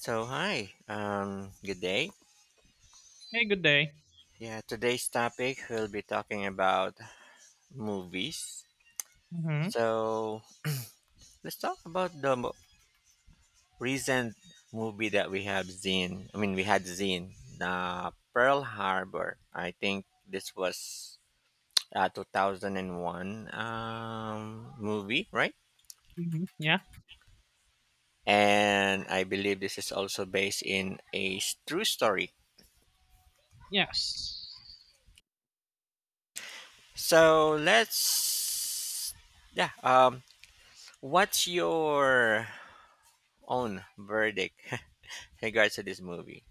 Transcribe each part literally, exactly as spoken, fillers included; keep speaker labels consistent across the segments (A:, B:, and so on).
A: So hi, um, good day.
B: Hey, good day.
A: Yeah, today's topic we'll be talking about movies.
B: Mm-hmm.
A: So let's talk about the mo- recent movie that we have seen. I mean, we had seen the Pearl Harbor. I think this was a two thousand one um, movie, right?
B: Mm-hmm. Yeah.
A: And I believe this is also based in a s- true story.
B: Yes.
A: So let's yeah, um, what's your own verdict in regards to this movie?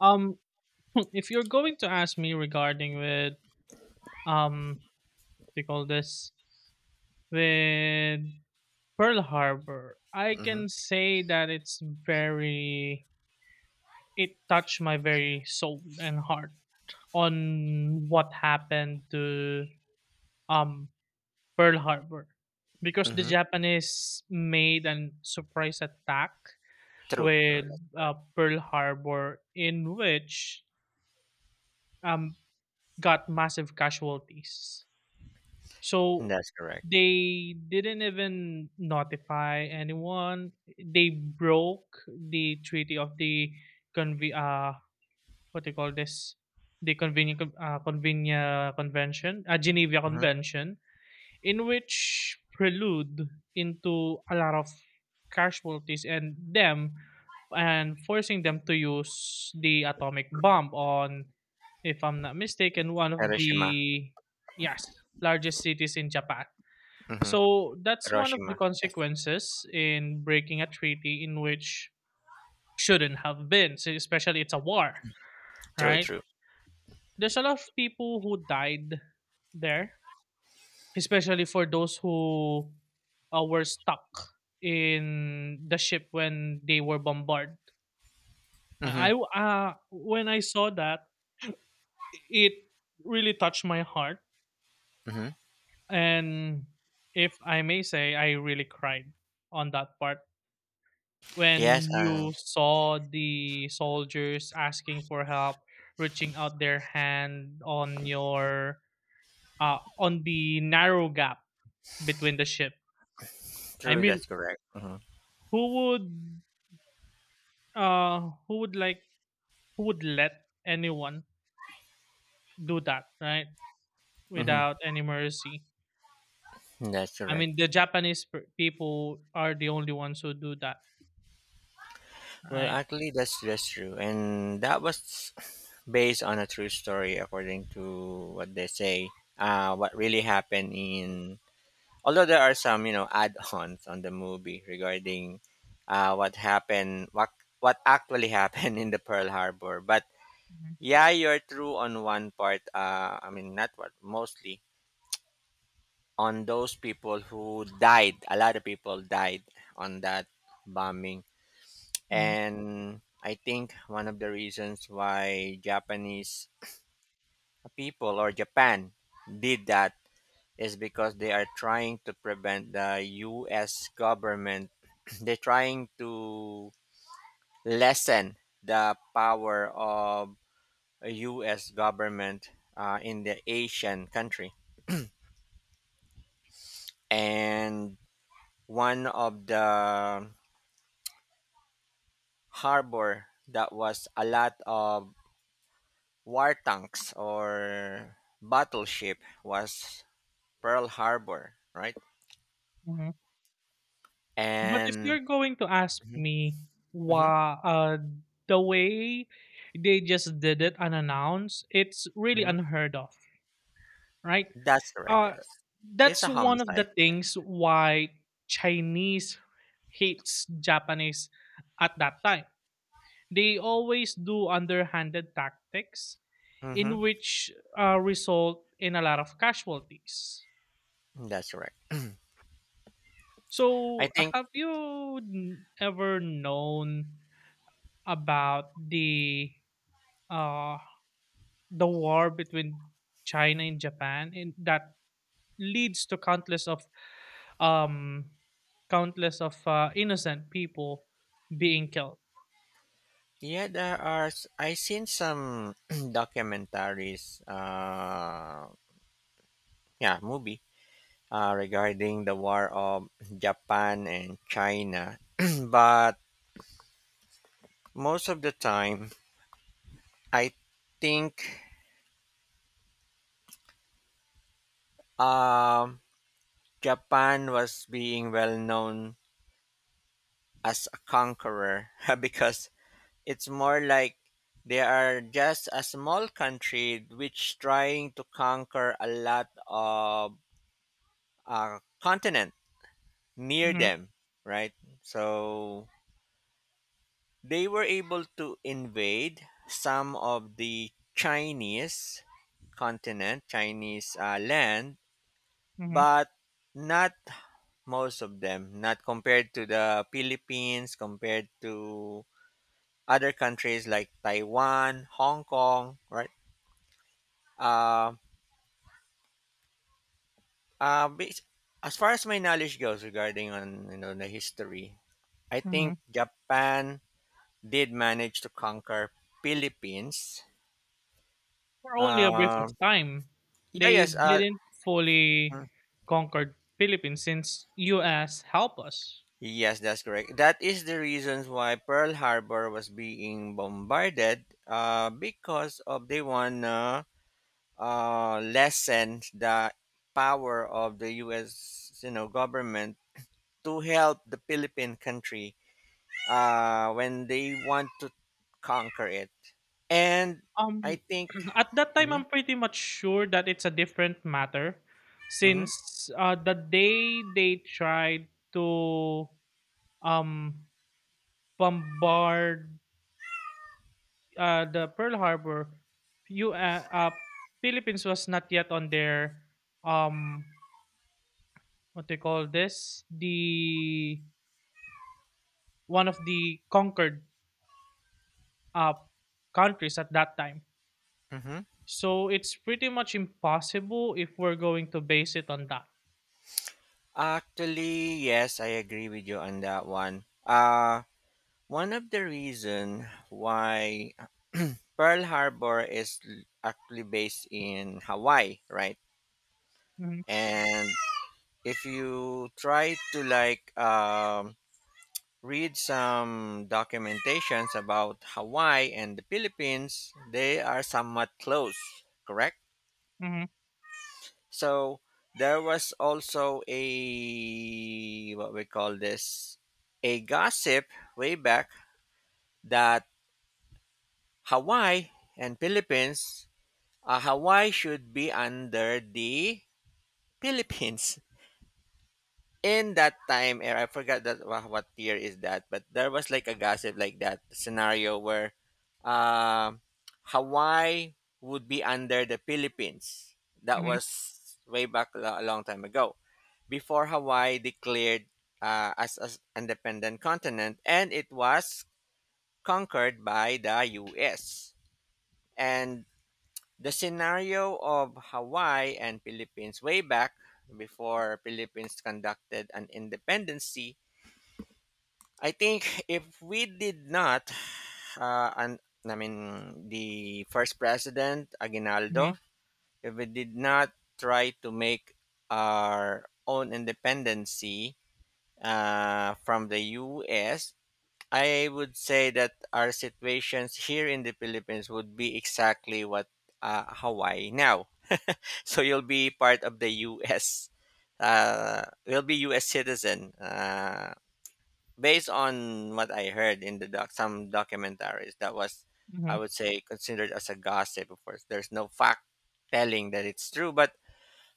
B: Um, if you're going to ask me regarding with um, they call this with Pearl Harbor, I
A: Hmm
B: can say that it's very it touched my very soul and heart on what happened to um Pearl Harbor because the
A: hmm
B: Japanese made a surprise attack
A: True, true.
B: with
A: Yes.
B: uh, Pearl Harbor in which um, got massive casualties. So
A: That's correct.
B: they didn't even notify anyone. They broke the treaty of the conve- uh, what do you call this? The convenient uh, Convenia convention, a Geneva
A: Hmm
B: Convention, in which prelude into a lot of casualties and them and forcing them to use the atomic bomb on if I'm not mistaken one of
A: Hiroshima.
B: the yes largest cities in Japan.
A: Hmm
B: So that's one of the
A: Hiroshima. Yes.
B: consequences in breaking a treaty in which shouldn't have been so, especially it's a war,
A: True,
B: right?
A: true.
B: There's a lot of people who died there, especially for those who uh, were stuck in the ship when they were bombarded.
A: Hmm
B: I uh, When I saw that, it really touched my heart,
A: hmm
B: and if I may say, I really cried on that part
A: Yes.
B: when
A: Uh,
B: you saw the soldiers asking for help, reaching out their hand on your uh, on the narrow gap between the ship. I
A: true.
B: mean,
A: That's correct. Hmm
B: who would uh who would like who would let anyone do that, right?
A: hmm
B: Without any mercy.
A: That's
B: I
A: correct.
B: mean, the japanese per- people are the only ones who do that,
A: Well,
B: right?
A: actually, that's that's true, and that was based on a true story, according to what they say. Uh, what really happened in, although there are some, you know, add-ons on the movie regarding uh, what happened, what what actually happened in the Pearl Harbor. But
B: Mhm.
A: yeah, you're true on one part. uh, I mean, not what mostly on those people who died. A lot of people died on that bombing.
B: Mhm.
A: And I think one of the reasons why Japanese people or Japan did that is because they are trying to prevent the U S government. They're trying to lessen the power of a U S government uh, in the Asian country. And one of the harbor that was a lot of war tanks or battleship was Pearl Harbor, right?
B: Mhm. But if
A: And
B: you're going to ask
A: mhm,
B: me
A: mhm,
B: why uh the way they just did it unannounced, it's really
A: mhm.
B: unheard of, right?
A: That's correct,
B: uh
A: yes. It's
B: that's
A: a
B: one of the
A: homicide, yes.
B: things why Chinese hates Japanese at that time. They always do underhanded tactics
A: Mm-hmm.
B: in which uh, result in a lot of casualties.
A: That's correct. I
B: So, uh,
A: think
B: have you n- ever known about the uh, the war between China and Japan, and that leads to countless of um, countless of uh, innocent people being killed?
A: yeah, there are. s- I seen some documentaries. Uh, yeah, movie. Uh, regarding the war of Japan and China, but most of the time, I think um, Japan was being well known as a conqueror because it's more like they are just a small country which trying to conquer a lot of uh, continent near
B: Hmm.
A: them, right? So they were able to invade some of the Chinese continent, Chinese uh, land,
B: Hmm.
A: but not most of them, not compared to the Philippines, compared to other countries like Taiwan, Hong Kong, right? Uh, uh, bas- as far as my knowledge goes regarding on, you know, the history, I
B: Hmm.
A: think Japan did manage to conquer Philippines.
B: For only a brief of
A: Uh,
B: time.
A: yeah,
B: They
A: yes, uh,
B: didn't
A: mm,
B: fully conquer Philippines since U S helped us.
A: yes, that's correct. That is the reasons why Pearl Harbor was being bombarded uh, because of they wanna uh, lessen the power of the U S, you know, government to help the Philippine country uh, when they want to conquer it. And I
B: Um
A: think.
B: at that time
A: Hmm
B: I'm pretty much sure that it's a different matter since uh, the day they tried to um bombard uh, the Pearl Harbor you uh, uh, Philippines was not yet on their um what they call this the one of the conquered uh, countries at that time.
A: hmm
B: So it's pretty much impossible if we're going to base it on that.
A: Actually, yes, I agree with you on that one. Uh one of the reason why Pearl Harbor is l- actually based in Hawaii, right?
B: Mm-hmm.
A: And if you try to like um, read some documentations about Hawaii and the Philippines, they are somewhat close, correct?
B: Mm-hmm.
A: So there was also a what we call this a gossip way back that Hawaii and Philippines, uh, Hawaii should be under the Philippines. In that time era, I forgot that wha- what year is that, but there was like a gossip like that scenario where um Hawaii would be under the Philippines. That was way back lo- a long time ago, before Hawaii declared uh, as an independent continent, and it was conquered by the U S. And the scenario of Hawaii and Philippines way back before Philippines conducted an independence. I think if we did not, uh, and I mean the first president
B: Mm-hmm.
A: Aguinaldo, if we did not try to make our own independency uh, from the U S, I would say that our situations here in the Philippines would be exactly what uh, Hawaii now. So you'll be part of the U S. Uh, you'll be U S citizen. Uh, based on what I heard in the doc, some documentaries, that was, I
B: Mm-hmm.
A: would say, considered as a gossip. Of course, there's no fact telling that it's true, but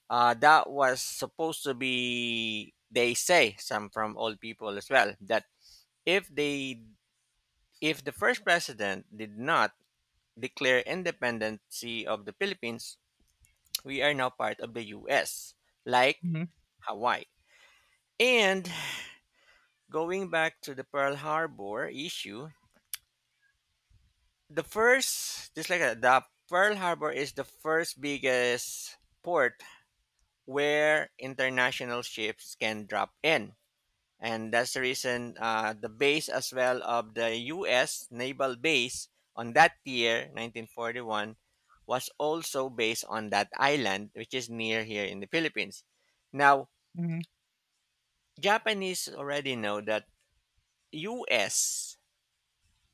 A: uh, that was supposed to be. They say some from old people as well that if they, if the first president did not declare independency of the Philippines, we are now part of the U S, like
B: Mm-hmm.
A: Hawaii. And going back to the Pearl Harbor issue, the first just like that, the Pearl Harbor is the first biggest port where international ships can drop in. And that's the reason uh, the base as well of the U S naval base on that year, nineteen forty-one, was also based on that island, which is near here in the Philippines. Now,
B: Mm-hmm.
A: Japanese already know that U S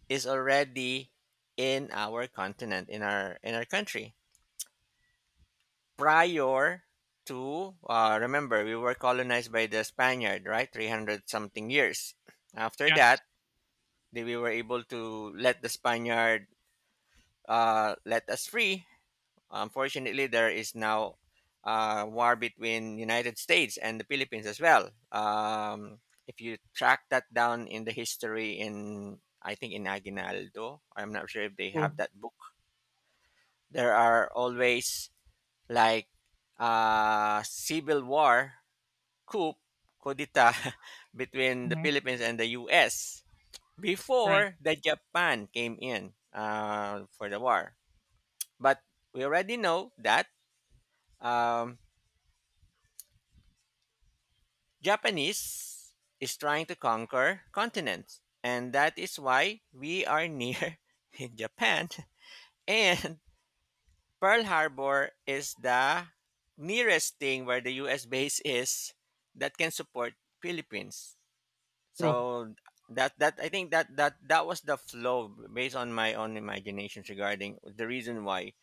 A: is already in our continent, in our in our country prior to, uh, remember, we were colonized by the spaniard, right? three hundred something years after that,
B: Yes,
A: they, we were able to let the spaniard uh, let us free. Unfortunately, there is now uh, war between united states and the philippines as well. Um, if you track that down in the history, in I think in aguinaldo, I'm not sure if they have
B: true.
A: that book. There are always like uh, civil war, coup coup d'etat between the
B: Mm-hmm.
A: Philippines and the U S
B: Right.
A: before the Japan came in uh, for the war. But we already know that um, Japanese is trying to conquer continents, and that is why we are near in Japan. And Pearl Harbor is the nearest thing where the U S base is that can support Philippines.
B: True.
A: So that that I think that that that was the flow based on my own imaginations regarding the reason why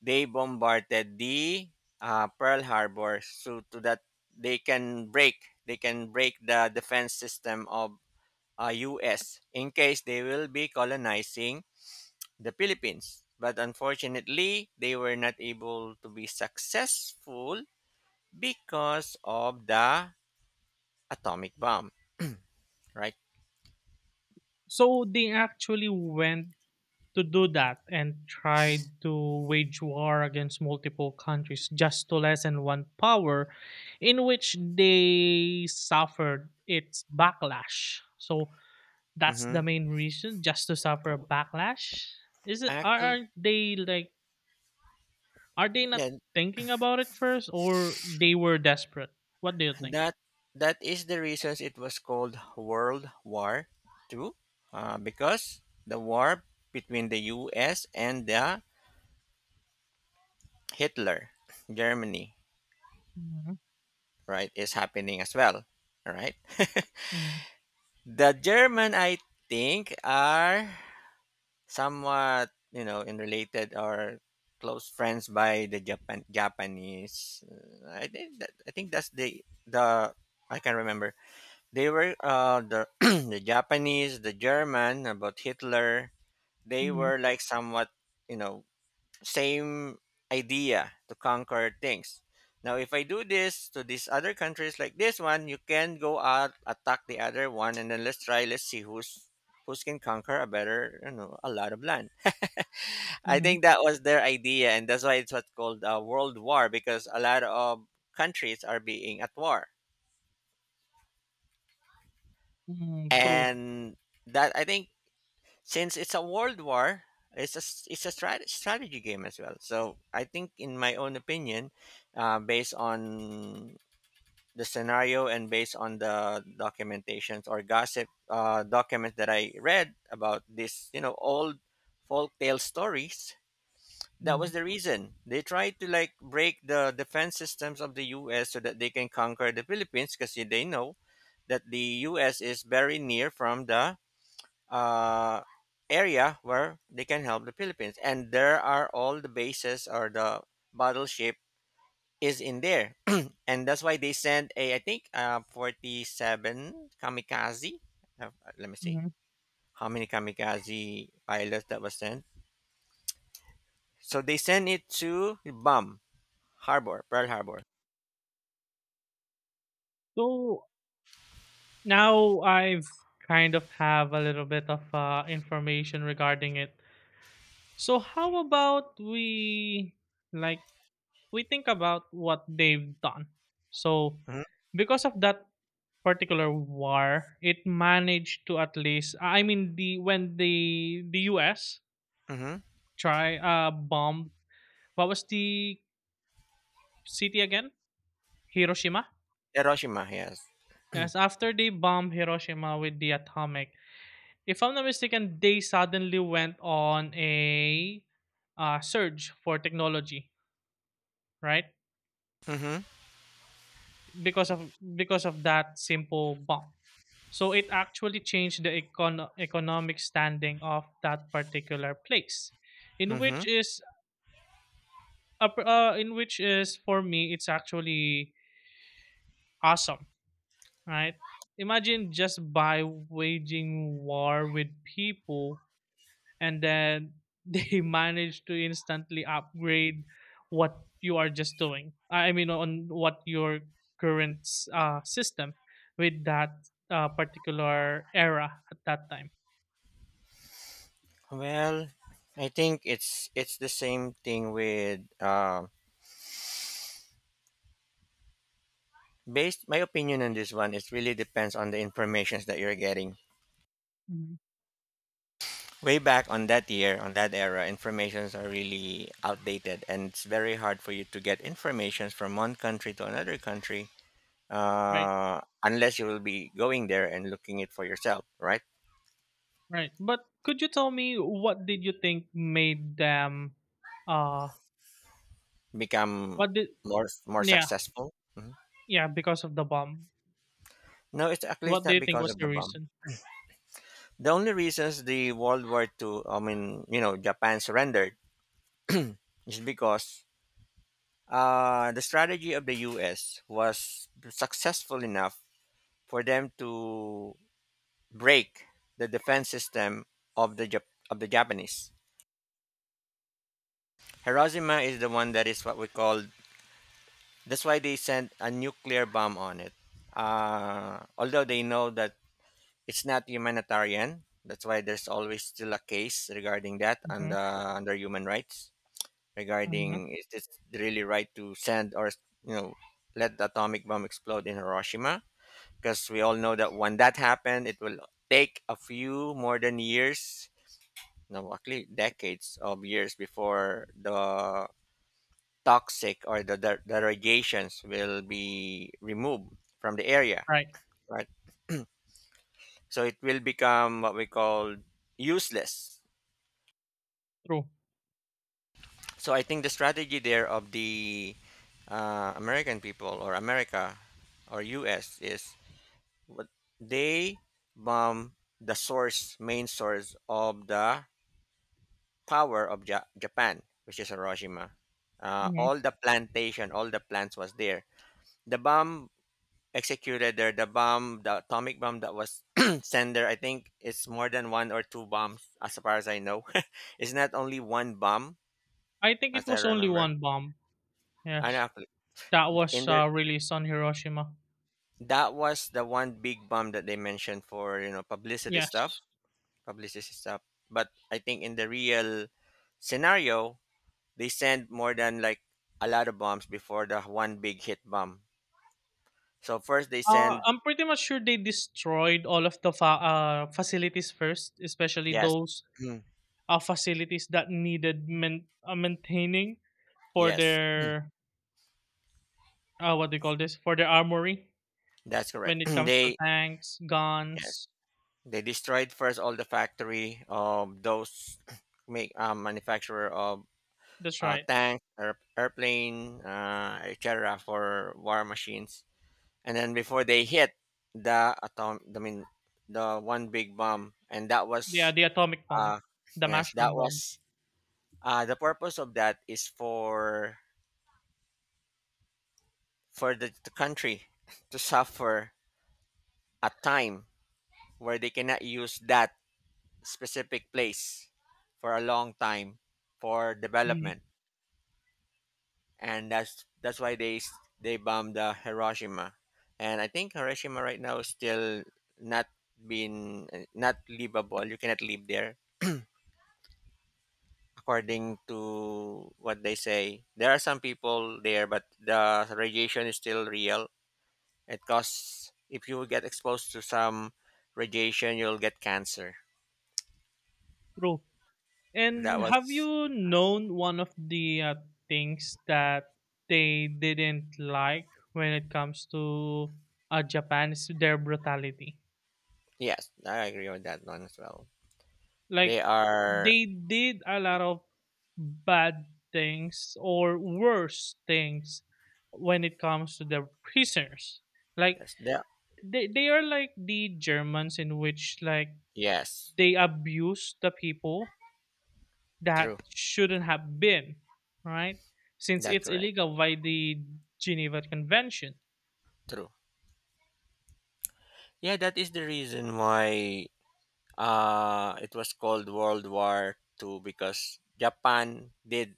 A: they bombarded the uh, Pearl Harbor, so to that they can break, they can break the defense system of uh, U S in case they will be colonizing the Philippines. But unfortunately, they were not able to be successful because of the atomic bomb, right?
B: So they actually went to do that and tried to wage war against multiple countries just to lessen one power in which they suffered its backlash. So that's the
A: Mm-hmm.
B: main reason, just to suffer a backlash. Is it, are,
A: Actually,
B: are they like, are they not thinking about it first, or they were desperate? What do you think?
A: that that is the reason it was called World War Two, uh, because the war between the U S and the Hitler Germany,
B: Mhm.
A: right, is happening as well. All right.
B: Mhm.
A: The German, I think, are somewhat, you know, in related or close friends by the Japan Japanese. Uh, I think that, I think that's the the I can remember. They were uh, the the Japanese, the German about Hitler. They
B: Mhm.
A: were like somewhat, you know, same idea to conquer things. Now, if I do this to these other countries like this one, you can go out attack the other one, and then let's try. Let's see who's who's can conquer a better, you know, a lot of land. I
B: Mhm.
A: think that was their idea, and that's why it's what's called a world war because a lot of countries are being at war,
B: Mhm. True.
A: and that I think since it's a world war it's a s- it's a strat- strategy game as well. So I think in my own opinion, uh, based on the scenario and based on the documentations or gossip uh, documents that I read about, this, you know, old folktale stories, that was
B: Mhm.
A: the reason they tried to like break the defense systems of the US so that they can conquer the Philippines because they know that the US is very near from the uh, area where they can help the Philippines. And there are all the bases or the battleship is in there. And that's why they sent a, I think, uh, forty-seven kamikaze. Uh, let me see
B: Mhm.
A: how many kamikaze pilots that was sent. So they sent it to Bomb Harbor, Pearl Harbor.
B: So now I've kind of have a little bit of uh, information regarding it. So how about we like we think about what they've done? So
A: Hmm
B: because of that particular war, it managed to at least. I mean, the when the the U S
A: hmm
B: try uh bombed what was the city again? Hiroshima.
A: Hiroshima, yes.
B: Yes, after they bombed Hiroshima with the atomic, if I'm not mistaken, they suddenly went on a uh, surge for technology, right?
A: Mm-hmm.
B: Because of because of that simple bomb. So it actually changed the econ- economic standing of that particular place in
A: Mm-hmm.
B: which is up, uh, in which is for me it's actually awesome, right? Imagine just by waging war with people and then they manage to instantly upgrade what you are just doing. I I mean on what your current s- uh, system with that uh, particular era at that time.
A: Well, I think it's it's the same thing with um based my opinion on this one, it really depends on the informations that you're getting.
B: Mhm.
A: Way back on that year, on that era, informations are really outdated, and it's very hard for you to get informations from one country to another country,
B: Right.
A: uh, unless you will be going there and looking it for yourself, right?
B: Right. But could you tell me what did you think made them uh
A: Become
B: what did
A: more more
B: yeah,
A: successful. Mhm.
B: yeah, because of the bomb.
A: No, it's actually it's
B: What do
A: not
B: you think
A: because
B: was
A: of the
B: the
A: bomb.
B: reason?
A: The only reasons the World War Two, I mean, you know, Japan surrendered is because Uh, the strategy of the U S was successful enough for them to break the defense system of the Jap- of the Japanese. Hiroshima is the one that is what we call. That's why they sent a nuclear bomb on it. Uh, although they know that it's not humanitarian, that's why there's always still a case regarding that
B: Mhm.
A: under under human rights
B: Mhm.
A: regarding is this really right to send or, you know, let the atomic bomb explode in Hiroshima, because we all know that when that happened, it will take a few more than years, no, actually decades of years before the toxic or the der- derogations will be removed from the area,
B: Right.
A: right? So it will become what we call useless.
B: True.
A: So I think the strategy there of the uh, American people or America or U S is what they bomb the source, main source of the power of ja- Japan, which is Hiroshima. Uh,
B: Mhm.
A: all the plantation, all the plants was there. The bomb executed there. The bomb, the atomic bomb that was sent there. I think it's more than one or two bombs, as far as I know. It's not only one bomb,
B: I think it
A: as I
B: was only
A: remember.
B: one bomb.
A: And
B: Yes.
A: actually,
B: That was,
A: in there,
B: uh, released on Hiroshima.
A: that was the one big bomb that they mentioned for you know publicity stuff,
B: Yes.
A: publicity stuff. But I think in the real scenario, they send more than like a lot of bombs before the one big hit bomb. So first they
B: Uh,
A: send.
B: I'm pretty much sure they destroyed all of the fa uh, facilities first, especially
A: Yes.
B: those,
A: Mm.
B: uh, facilities that needed men uh, maintaining for
A: Yes. Mm.
B: their, uh, what do you call this? For their armory
A: That's correct.
B: when it comes to
A: They,
B: tanks,
A: yes,
B: guns.
A: they destroyed first all the factory of those make um, manufacturer of
B: That's
A: uh,
B: right.
A: tanks, air, airplane, uh, et cetera for war machines, and then before they hit the atom, I mean the one big bomb, and that
B: Yeah,
A: was,
B: the atomic bomb,
A: uh,
B: the
A: yes, that
B: mushroom bomb.
A: was. Uh, the purpose of that is for for the, the country to suffer a time where they cannot use that specific place for a long time for
B: Mhm.
A: development, and that's that's why they s- they bombed uh, Hiroshima, and I think Hiroshima right now is still not been, uh, not livable. You cannot live there according to what they say. There are some people there, but the radiation is still real. It cause if you get exposed to some radiation, you'll get cancer.
B: True. And
A: That
B: have
A: was.
B: you known one of the uh, things that they didn't like when it comes to uh, Japan is their brutality?
A: Yes, I agree with that one as well. They
B: Like
A: are.
B: they did a lot of bad things or worse things when it comes to their prisoners. Like
A: Yes, they are-
B: they, they are like the Germans in which like
A: Yes,
B: they abuse the people
A: true.
B: that shouldn't have been, right? Since
A: That's
B: it's
A: correct.
B: illegal by the Geneva Convention.
A: True. Yeah, that is the reason why uh it was called World War Two because Japan did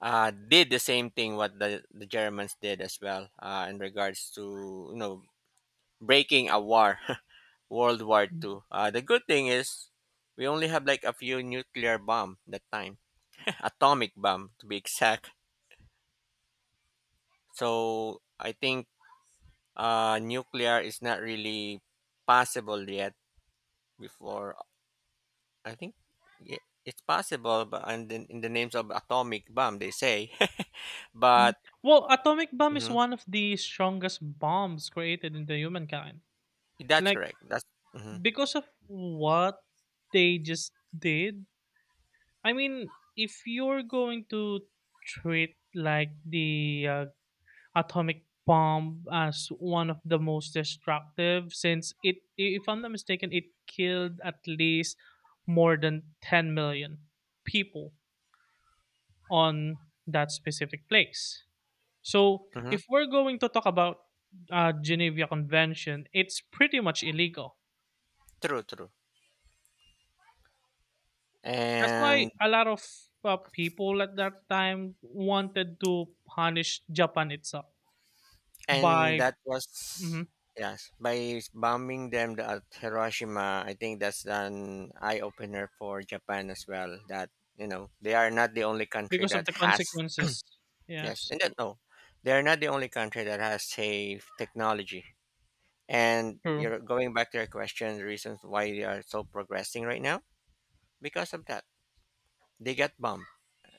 A: uh did the same thing what the, the Germans did as well uh in regards to you know breaking a war. World War
B: Mhm.
A: Two. Uh, the good thing is we only have like a few nuclear bomb that time, atomic bomb to be exact. So I think, uh, nuclear is not really possible yet. Before, I think, yeah, it's possible, but and then in the names of atomic bomb they say,
B: Mhm.
A: but.
B: Well, atomic bomb is
A: Mhm,
B: one of the strongest bombs created in the humankind.
A: that's
B: Like
A: correct. That's. Hmm.
B: because of what they just did. I mean, if you're going to treat like the uh, Atomic Bomb as one of the most destructive, since it if I'm not mistaken it killed at least more than 10 million people on that specific place. So
A: Hmm.
B: if we're going to talk about uh, Geneva Convention, it's pretty much illegal.
A: True, true,
B: That's why
A: and
B: a lot of uh, people at that time wanted to punish Japan itself
A: and
B: by
A: that was.
B: mhm,
A: Yes, by bombing them at Hiroshima, I think that's an eye-opener for Japan as well that you know they are not the only country
B: because of
A: that
B: the
A: has.
B: consequences.
A: Yes,
B: Yes,
A: and that, no, they are not the only country that has safe technology, and
B: true.
A: you're going back to your question the reasons why they are so progressing right now, because of that they get bombed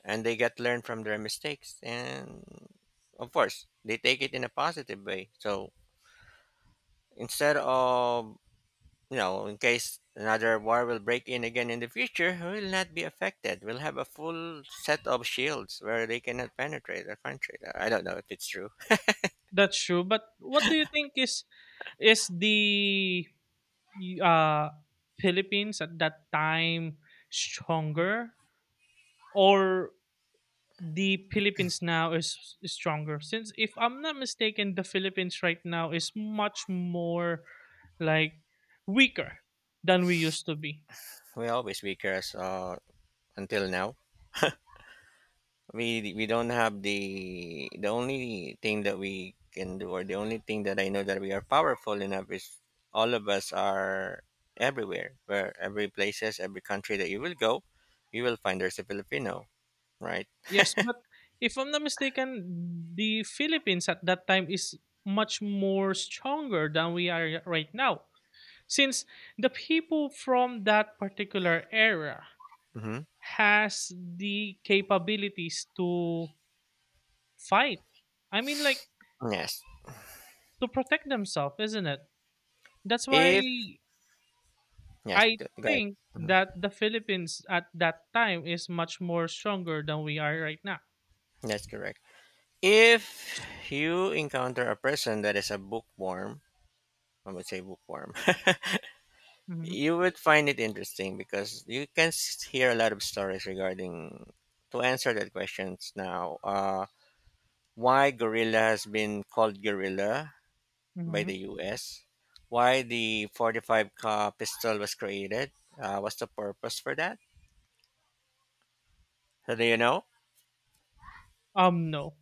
A: and they get learn from their mistakes, and of course they take it in a positive way. So instead of, you know, in case another war will break in again in the future, we will not be affected. We'll have a full set of shields where they cannot penetrate our country. I don't know if it's true.
B: That's true, but what do you think is is the uh Philippines at that time stronger, or the Philippines now is s- stronger, since if I'm not mistaken the Philippines right now is much more like weaker than we used to be.
A: We always weaker as, uh, until now. We we don't have the the only thing that we can do, or the only thing that I know that we are powerful enough is all of us are everywhere, where every places, every country that you will go, you will find there's a Filipino, right?
B: Yes, but if I'm not mistaken the Philippines at that time is much more stronger than we are right now, since the people from that particular era
A: Mm-hmm.
B: has the capabilities to fight. I mean, like,
A: Yes.
B: to protect themselves, isn't it? That's why
A: If. Yes,
B: I
A: th- right.
B: think
A: Mhm.
B: that the Philippines at that time is much more stronger than we are right now.
A: That's correct. If you encounter a person that is a bookworm, I would say bookworm,
B: Hmm.
A: you would find it interesting because you can s- hear a lot of stories regarding, to answer that questions now, uh, why gorilla has been called gorilla by
B: Hmm.
A: the U S, why the forty-five ca pistol was created, uh, what's the purpose for that? So do you know?
B: Um, no.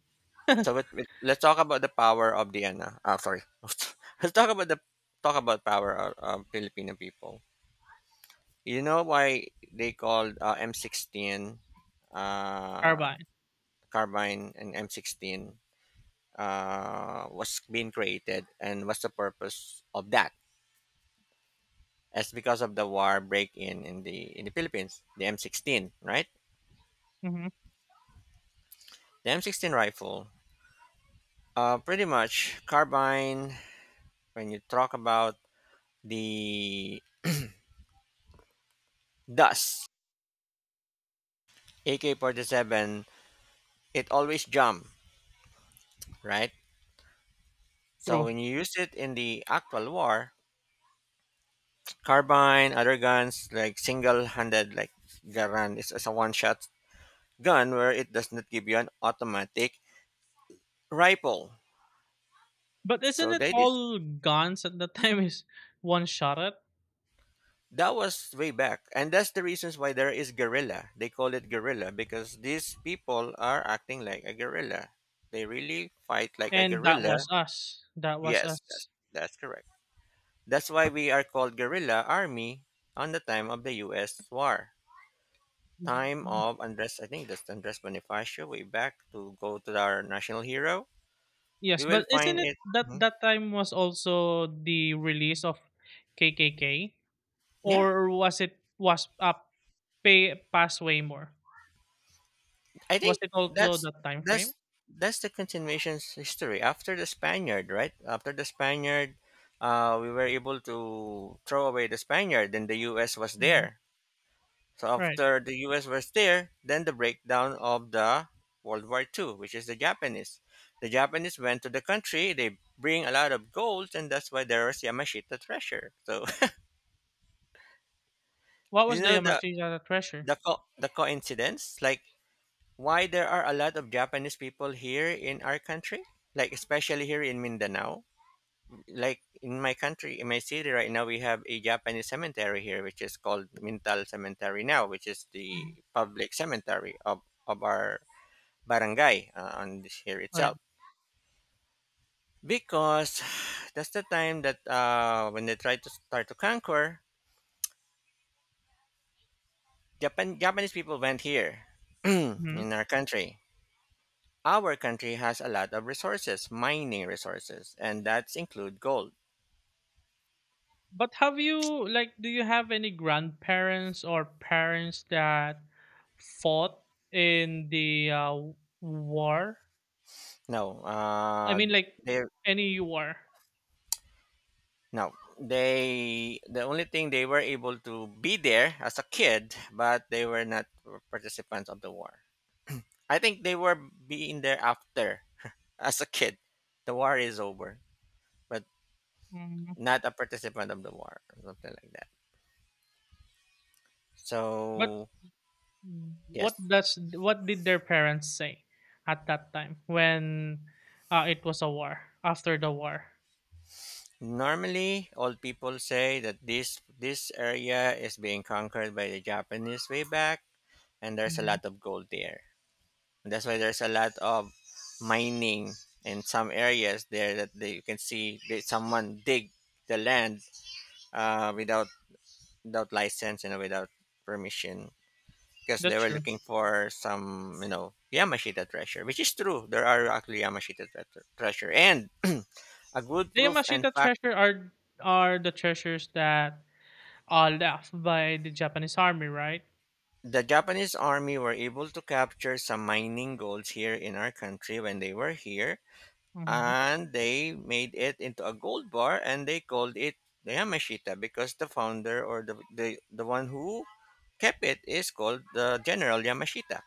A: So it, it, let's talk about the power of the ano, uh, sorry. Let's talk about the talk about power of, of Filipino people. You know why they called, uh, M sixteen, uh,
B: Carbine.
A: carbine, and M sixteen, uh, was being created and what's the purpose of that? It's because of the war break-in in the in the Philippines, the M sixteen, right?
B: Hmm.
A: The M sixteen rifle, uh, pretty much carbine. When you talk about the dust A K forty-seven, it always jump, right? So
B: True.
A: when you use it in the actual war, carbine, other guns, like single-handed, like Garand, it's, it's a one-shot gun where it does not give you an automatic rifle.
B: But isn't
A: So
B: it
A: that is,
B: all guns at the time is one shot at.
A: that was way back, and that's the reasons why there is guerrilla. They call it guerrilla because these people are acting like a guerrilla. They really fight like a
B: And that
A: guerrilla.
B: was us that was
A: Yes, that's
B: us.
A: that's correct. That's why we are called guerrilla army on the time of the U S war. Time of Andres, I think that's Andres Bonifacio way back to go to our national hero. We
B: Yes,
A: will
B: but isn't
A: find
B: it
A: it.
B: that
A: Mhm.
B: that time was also the release of K K K,
A: Yeah,
B: or was it was uh, pay pass way more?
A: I
B: Was
A: think
B: it also
A: that's
B: that time frame?
A: that's that's the continuation's history after the Spaniard, right? After the Spaniard, uh, we were able to throw away the Spaniard. Then the U S was
B: Hmm.
A: there. So
B: Right.
A: after the U S was there, then the breakdown of the World War Two, which is the Japanese. The Japanese went to the country, they bring a lot of gold, and that's why there was Yamashita treasure. So
B: What
A: you
B: was the
A: know the
B: Yamashita treasure?
A: the co- the coincidence, like why there are a lot of Japanese people here in our country, like especially here in Mindanao. Like in my country, in my city right now, we have a Japanese cemetery here, which is called Mintal Cemetery now, which is the
B: Mhm.
A: public cemetery of of our barangay, uh, on this here
B: Right.
A: itself because that's the time that, uh, when they tried to start to conquer Japan. Japanese people went here
B: Hmm.
A: in our country. Our country has a lot of resources, mining resources, and that's include gold.
B: But have you like do you have any grandparents or parents that fought in the uh, war?
A: No,
B: I
A: uh,
B: mean, like,
A: they,
B: any war.
A: no, they the only thing they were able to be there as a kid, but they were not participants of the war. I think they were being there after as a kid. The war is over. But
B: Mhm.
A: not a participant of the war or something like that.
B: But
A: So
B: mm.
A: yes,
B: What does what did their parents say at that time when uh, it was a war after the war?
A: normally old people say that this this area is being conquered by the Japanese way back, and there's a
B: Mhm.
A: lot of gold there. And that's why there's a lot of mining in some areas there that they, you can see that someone dig the land, uh, without without license and without permission because
B: That's
A: they were
B: true.
A: looking for some, you know, Yamashita treasure, which is true. There are actually Yamashita tre- treasure. And a good
B: The
A: proof and
B: Yamashita
A: fact.
B: treasure are are the treasures that are left by the Japanese army, right?
A: The Japanese army were able to capture some mining golds here in our country when they were here.
B: Mhm.
A: And they made it into a gold bar and they called it the Yamashita because the founder or the, the, the one who kept it is called the General Yamashita.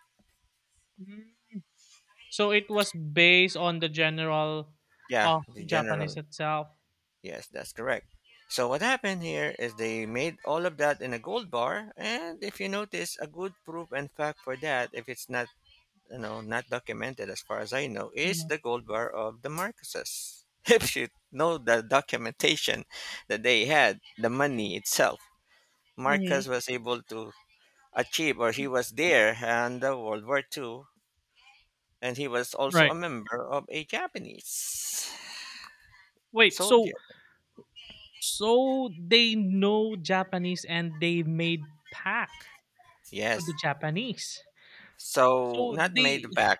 B: Mm. So it was based on the general
A: Yeah,
B: of
A: the
B: Japanese
A: general.
B: itself.
A: Yes, that's correct. So what happened here is they made all of that in a gold bar, and if you notice, a good proof and fact for that, if it's not you know not documented as far as I know, is
B: Mhm.
A: the gold bar of the Marcoses. If you know the documentation that they had, the money itself,
B: Hmm.
A: Marcus was able to achieve, or he was there in the World War Two, and he was also a
B: Right.
A: member of a Japanese
B: Wait. So
A: soldier.
B: so they know Japanese and they made pact to
A: Yes.
B: the Japanese.
A: So
B: So
A: not
B: they
A: made back.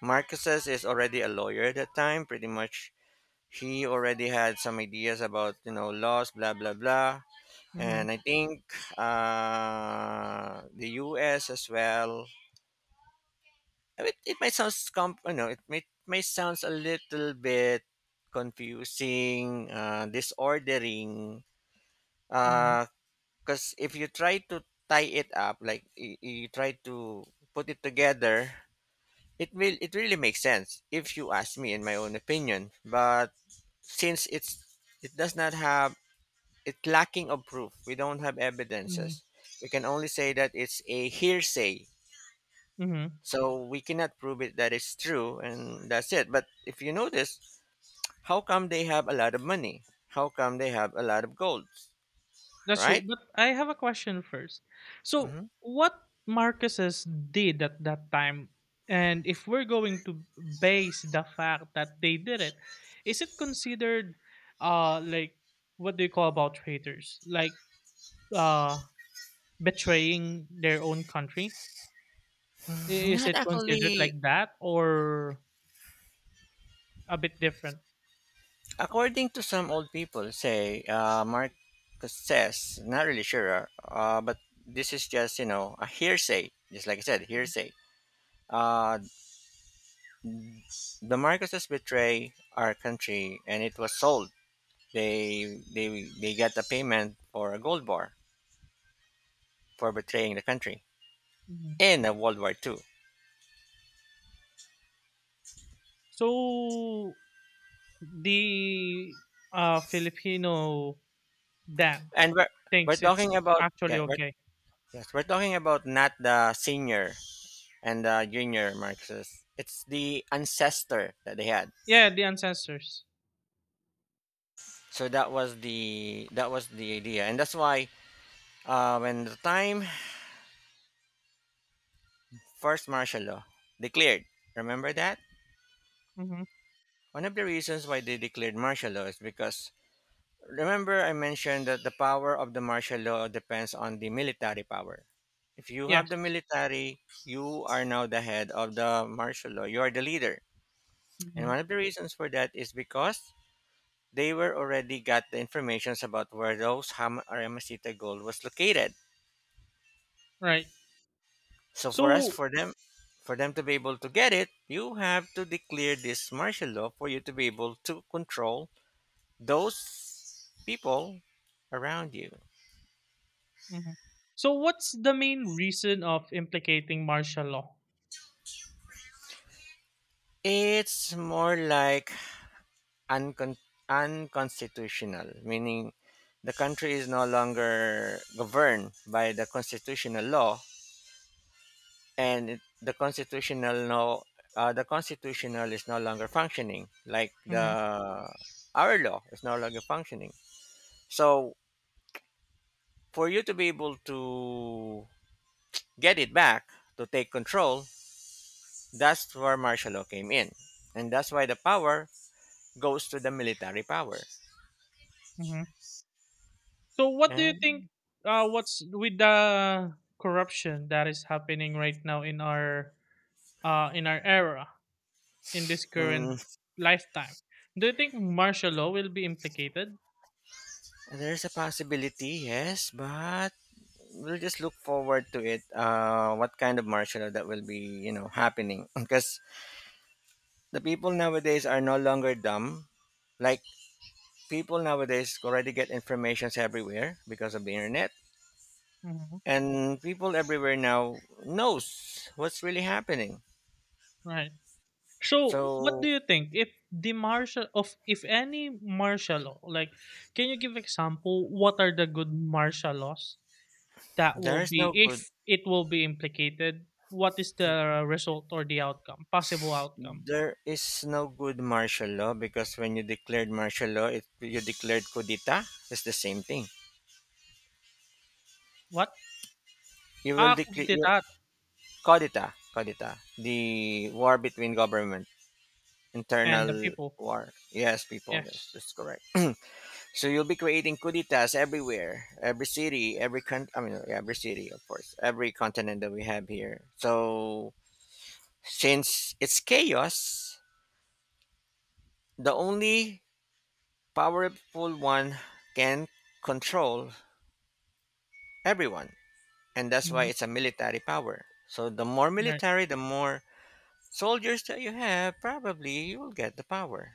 A: Marcus's is already a lawyer at that time, pretty much. He already had some ideas about, you know, laws, blah, blah, blah. And
B: mhm,
A: I think, uh, the U S as well. I mean, it might sound, comp- you know, it may, may sounds a little bit confusing, uh, disordering.
B: mhm,
A: Because if you try to tie it up, like y- you try to put it together, it will, it really makes sense if you ask me in my own opinion. But since it's, it does not have, it's lacking of proof. We don't have
B: mhm,
A: evidences. We can only say that it's a hearsay.
B: mhm.
A: So we cannot prove it that it's true and that's it. But if you notice, how come they have a lot of money? How come they have a lot of golds?
B: That's true.
A: Right?
B: But I have a question first. So
A: Hmm.
B: what Marcus's did at that time, and if we're going to base the fact that they did it, is it considered uh like what do you call about traitors? Like uh betraying their own country? I- Is
A: Not
B: it considered
A: actually.
B: like that or a bit different?
A: According to some old people, say, uh, Marcus says, not really sure, uh, uh, but this is just, you know, a hearsay. Just like I said, hearsay. Uh, the Marcuses betray our country and it was sold. They, they, they got a payment for a gold bar for betraying the country
B: Mhm.
A: in the World War Two.
B: So the, uh, Filipino that
A: And we're, we're
B: thinks it's
A: talking about,
B: actually
A: yeah, we're,
B: okay.
A: yes, we're talking about not the senior and the junior Marcuses. It's the ancestor that they had.
B: Yeah, the ancestors.
A: So that was the that was the idea, and that's why, uh, when the time first martial law declared, remember that
B: Mhm.
A: one of the reasons why they declared martial law is because, remember I mentioned that the power of the martial law depends on the military power. If you have the
B: Yes.
A: military, you are now the head of the martial law. You are the leader, and
B: Mhm.
A: one of the reasons for that is because they were already got the informations about where those Ham- Aramisita gold was located.
B: Right.
A: So for us,
B: So
A: for them, for them to be able to get it, you have to declare this martial law for you to be able to control those people around you.
B: mhm. So what's the main reason of implicating martial law?
A: It's more like uncon- unconstitutional, meaning the country is no longer governed by the constitutional law, and it, the constitutional law, uh, the constitutional is no longer functioning. Like
B: Mhm.
A: the our law is no longer functioning. So for you to be able to get it back, to take control, that's where martial law came in, and that's why the power goes to the military power.
B: Mhm. So what do you
A: And
B: think uh what's with the corruption that is happening right now in our uh in our era in this current
A: mm,
B: lifetime? Do you think martial law will be implicated?
A: there's a possibility, yes, but we'll just look forward to it, uh, what kind of martial law that will be you know happening, because the people nowadays are no longer dumb, like people nowadays already get informations everywhere because of the internet,
B: Mhm.
A: and people everywhere now knows what's really happening.
B: Right. So, what do
A: So
B: you think if the martial of if any martial law, like, can you give example what are the good martial laws that will
A: there is
B: be
A: no good
B: if it will be implicated, what is the result or the outcome, possible outcome?
A: there is no good martial law, because when you declared martial law it, you declared kudita. It's the same thing.
B: What?
A: You will
B: Ah,
A: declare you
B: Kudeta
A: Kudita, kudita, the war between government,
B: and the
A: internal
B: people.
A: war, yes, people, that's,
B: Yes.
A: that's correct. So you'll be creating kuditas everywhere, every city, every country. I mean, yeah, every city, of course, every continent that we have here. So since it's chaos, the only powerful one can control everyone. And that's why
B: Hmm.
A: it's a military power. So the more
B: Right.
A: military, the more soldiers that you have, probably you'll get the power.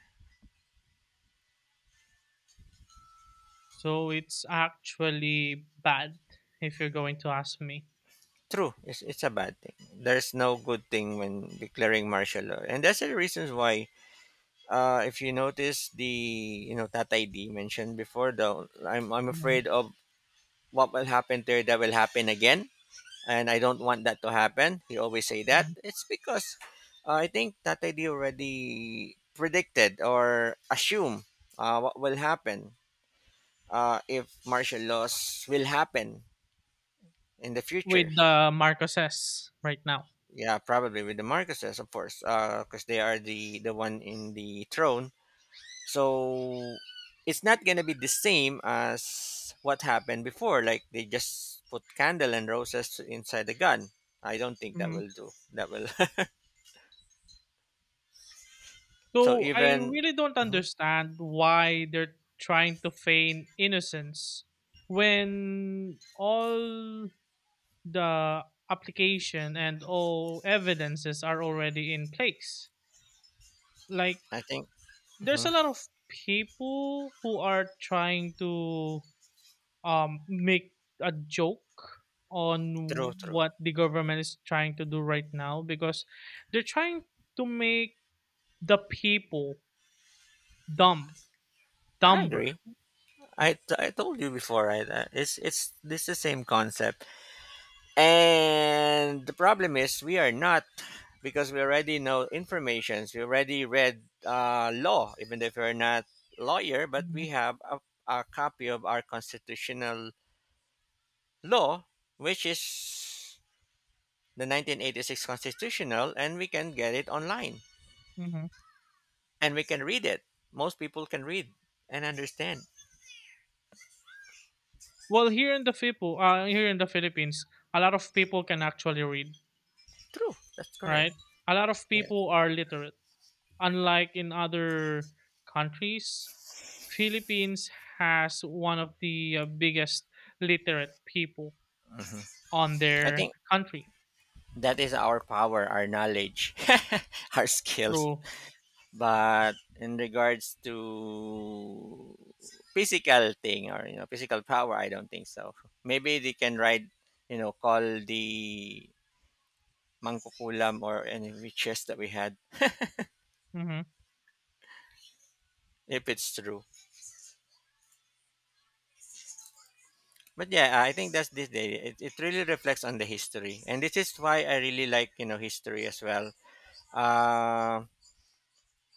B: So it's actually bad if you're going to ask me.
A: True, it's, it's a bad thing. There's no good thing when declaring martial law. And that's the reasons why, uh, if you notice the, you know, Tatay D mentioned before, though, I'm, I'm
B: Mhm.
A: afraid of what will happen there, that will happen again, and I don't want that to happen. He always say that.
B: Mhm.
A: It's because uh, I think Tatay D already predicted or assume uh, what will happen, uh, if martial laws will happen in the future.
B: With the Marcoses right now.
A: Yeah, probably with the Marcoses, of course, because they are the the one in the throne. So it's not gonna be the same as what happened before. Like they just put candle and roses inside the gun. I don't think that
B: Mhm.
A: will do. That will— So
B: So I
A: even
B: really don't
A: mhm,
B: understand why they're trying to feign innocence when all the application and all evidences are already in place. Like
A: I think
B: there's a
A: mhm,
B: lot of people who are trying to um make a joke
A: true,
B: on
A: true.
B: what the government is trying to do right now because they're trying to make the people dumb,
A: I
B: dumber.
A: agree. I, t- I told you before, right? Uh, it's it's this the same concept, and the problem is we are not, because we already know informations. We already read, uh, law, even if we're not lawyer, but
B: Mm-hmm.
A: we have a, a copy of our constitutional law, which is the nineteen eighty-six constitutional, and we can get it online
B: Mhm.
A: and we can read it. Most people can read and understand.
B: Well, here in the Fipu, uh, here in the Philippines, a lot of people can actually read,
A: True. That's correct.
B: right? A lot of
A: Yes.
B: people are literate. Unlike in other countries, Philippines has one of the uh, biggest literate people
A: Mhm.
B: on
A: I
B: their
A: think
B: country.
A: that is our power, our knowledge, our skills.
B: Through
A: But in regards to physical thing, or you know physical power, I don't think so. Maybe they can ride, you know, call the mangkukulam or any witches that we had,
B: hmm
A: if it's true. But yeah, I think that's this day. It, it really reflects on the history, and this is why I really like, you know, history as well. Uh,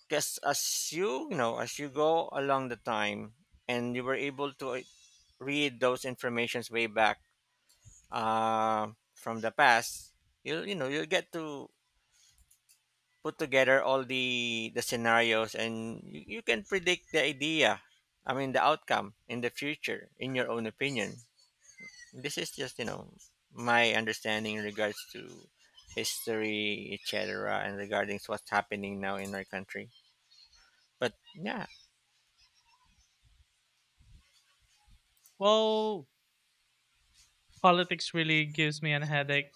A: because as you, you know, as you go along the time, and you were able to uh, read those informations way back, uh, from the past, you'll you know you'll get to put together all the the scenarios, and you, you can predict the idea, I mean, the outcome in the future, in your own opinion. This is just, you know, my understanding in regards to history, etc., and regarding what's happening now in our country. But yeah.
B: well, politics really gives me a headache.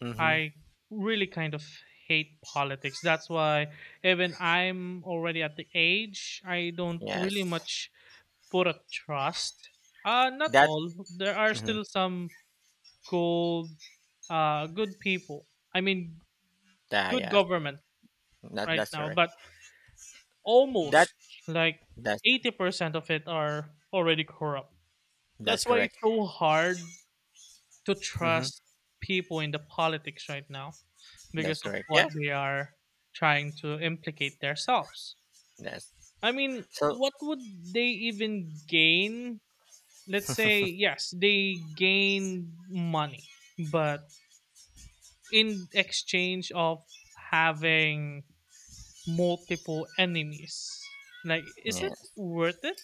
A: Mm-hmm.
B: I really kind of hate politics. That's why even I'm already at the age I don't really
A: Yes.
B: much put a trust. Uh, not
A: That—
B: all. There are
A: mhm.
B: still some good uh good people. I mean,
A: Ah,
B: good
A: yes, that,
B: government
A: that
B: right
A: that's
B: now,
A: correct.
B: but
A: That
B: almost like
A: that's
B: eighty percent of it are already corrupt.
A: that's
B: That's why
A: correct.
B: it's so hard to
A: Hmm.
B: trust people in the politics right now
A: That's
B: because of
A: correct. Yeah.
B: what they are trying to implicate themselves.
A: Yes,
B: I mean,
A: that's so.
B: what would they even gain? Let's say yes they gain money, but in exchange of having multiple enemies, like, is it
A: Yeah,
B: worth it?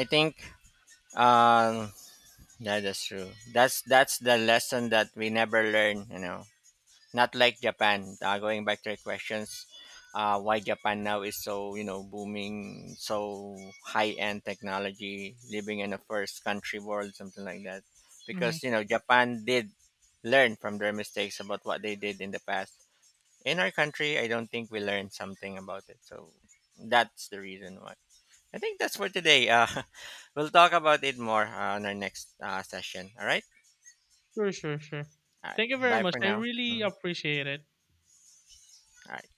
A: I think um that is true. That's that's the lesson that we never learn. You know, not like Japan. Uh, going back to your questions, uh, why Japan now is so, you know, booming, so high end technology, living in a first country world, something like that.
B: Hmm.
A: Because you know Japan did learn from their mistakes about what they did in the past. In our country, I don't think we learned something about it. So that's the reason why. I think that's for today. Uh, we'll talk about it more, uh, on our next uh, session. All right.
B: Sure, sure, sure.
A: All right.
B: Thank you very
A: Bye
B: much,
A: for
B: I
A: now.
B: really
A: Mhm.
B: appreciate it.
A: All right.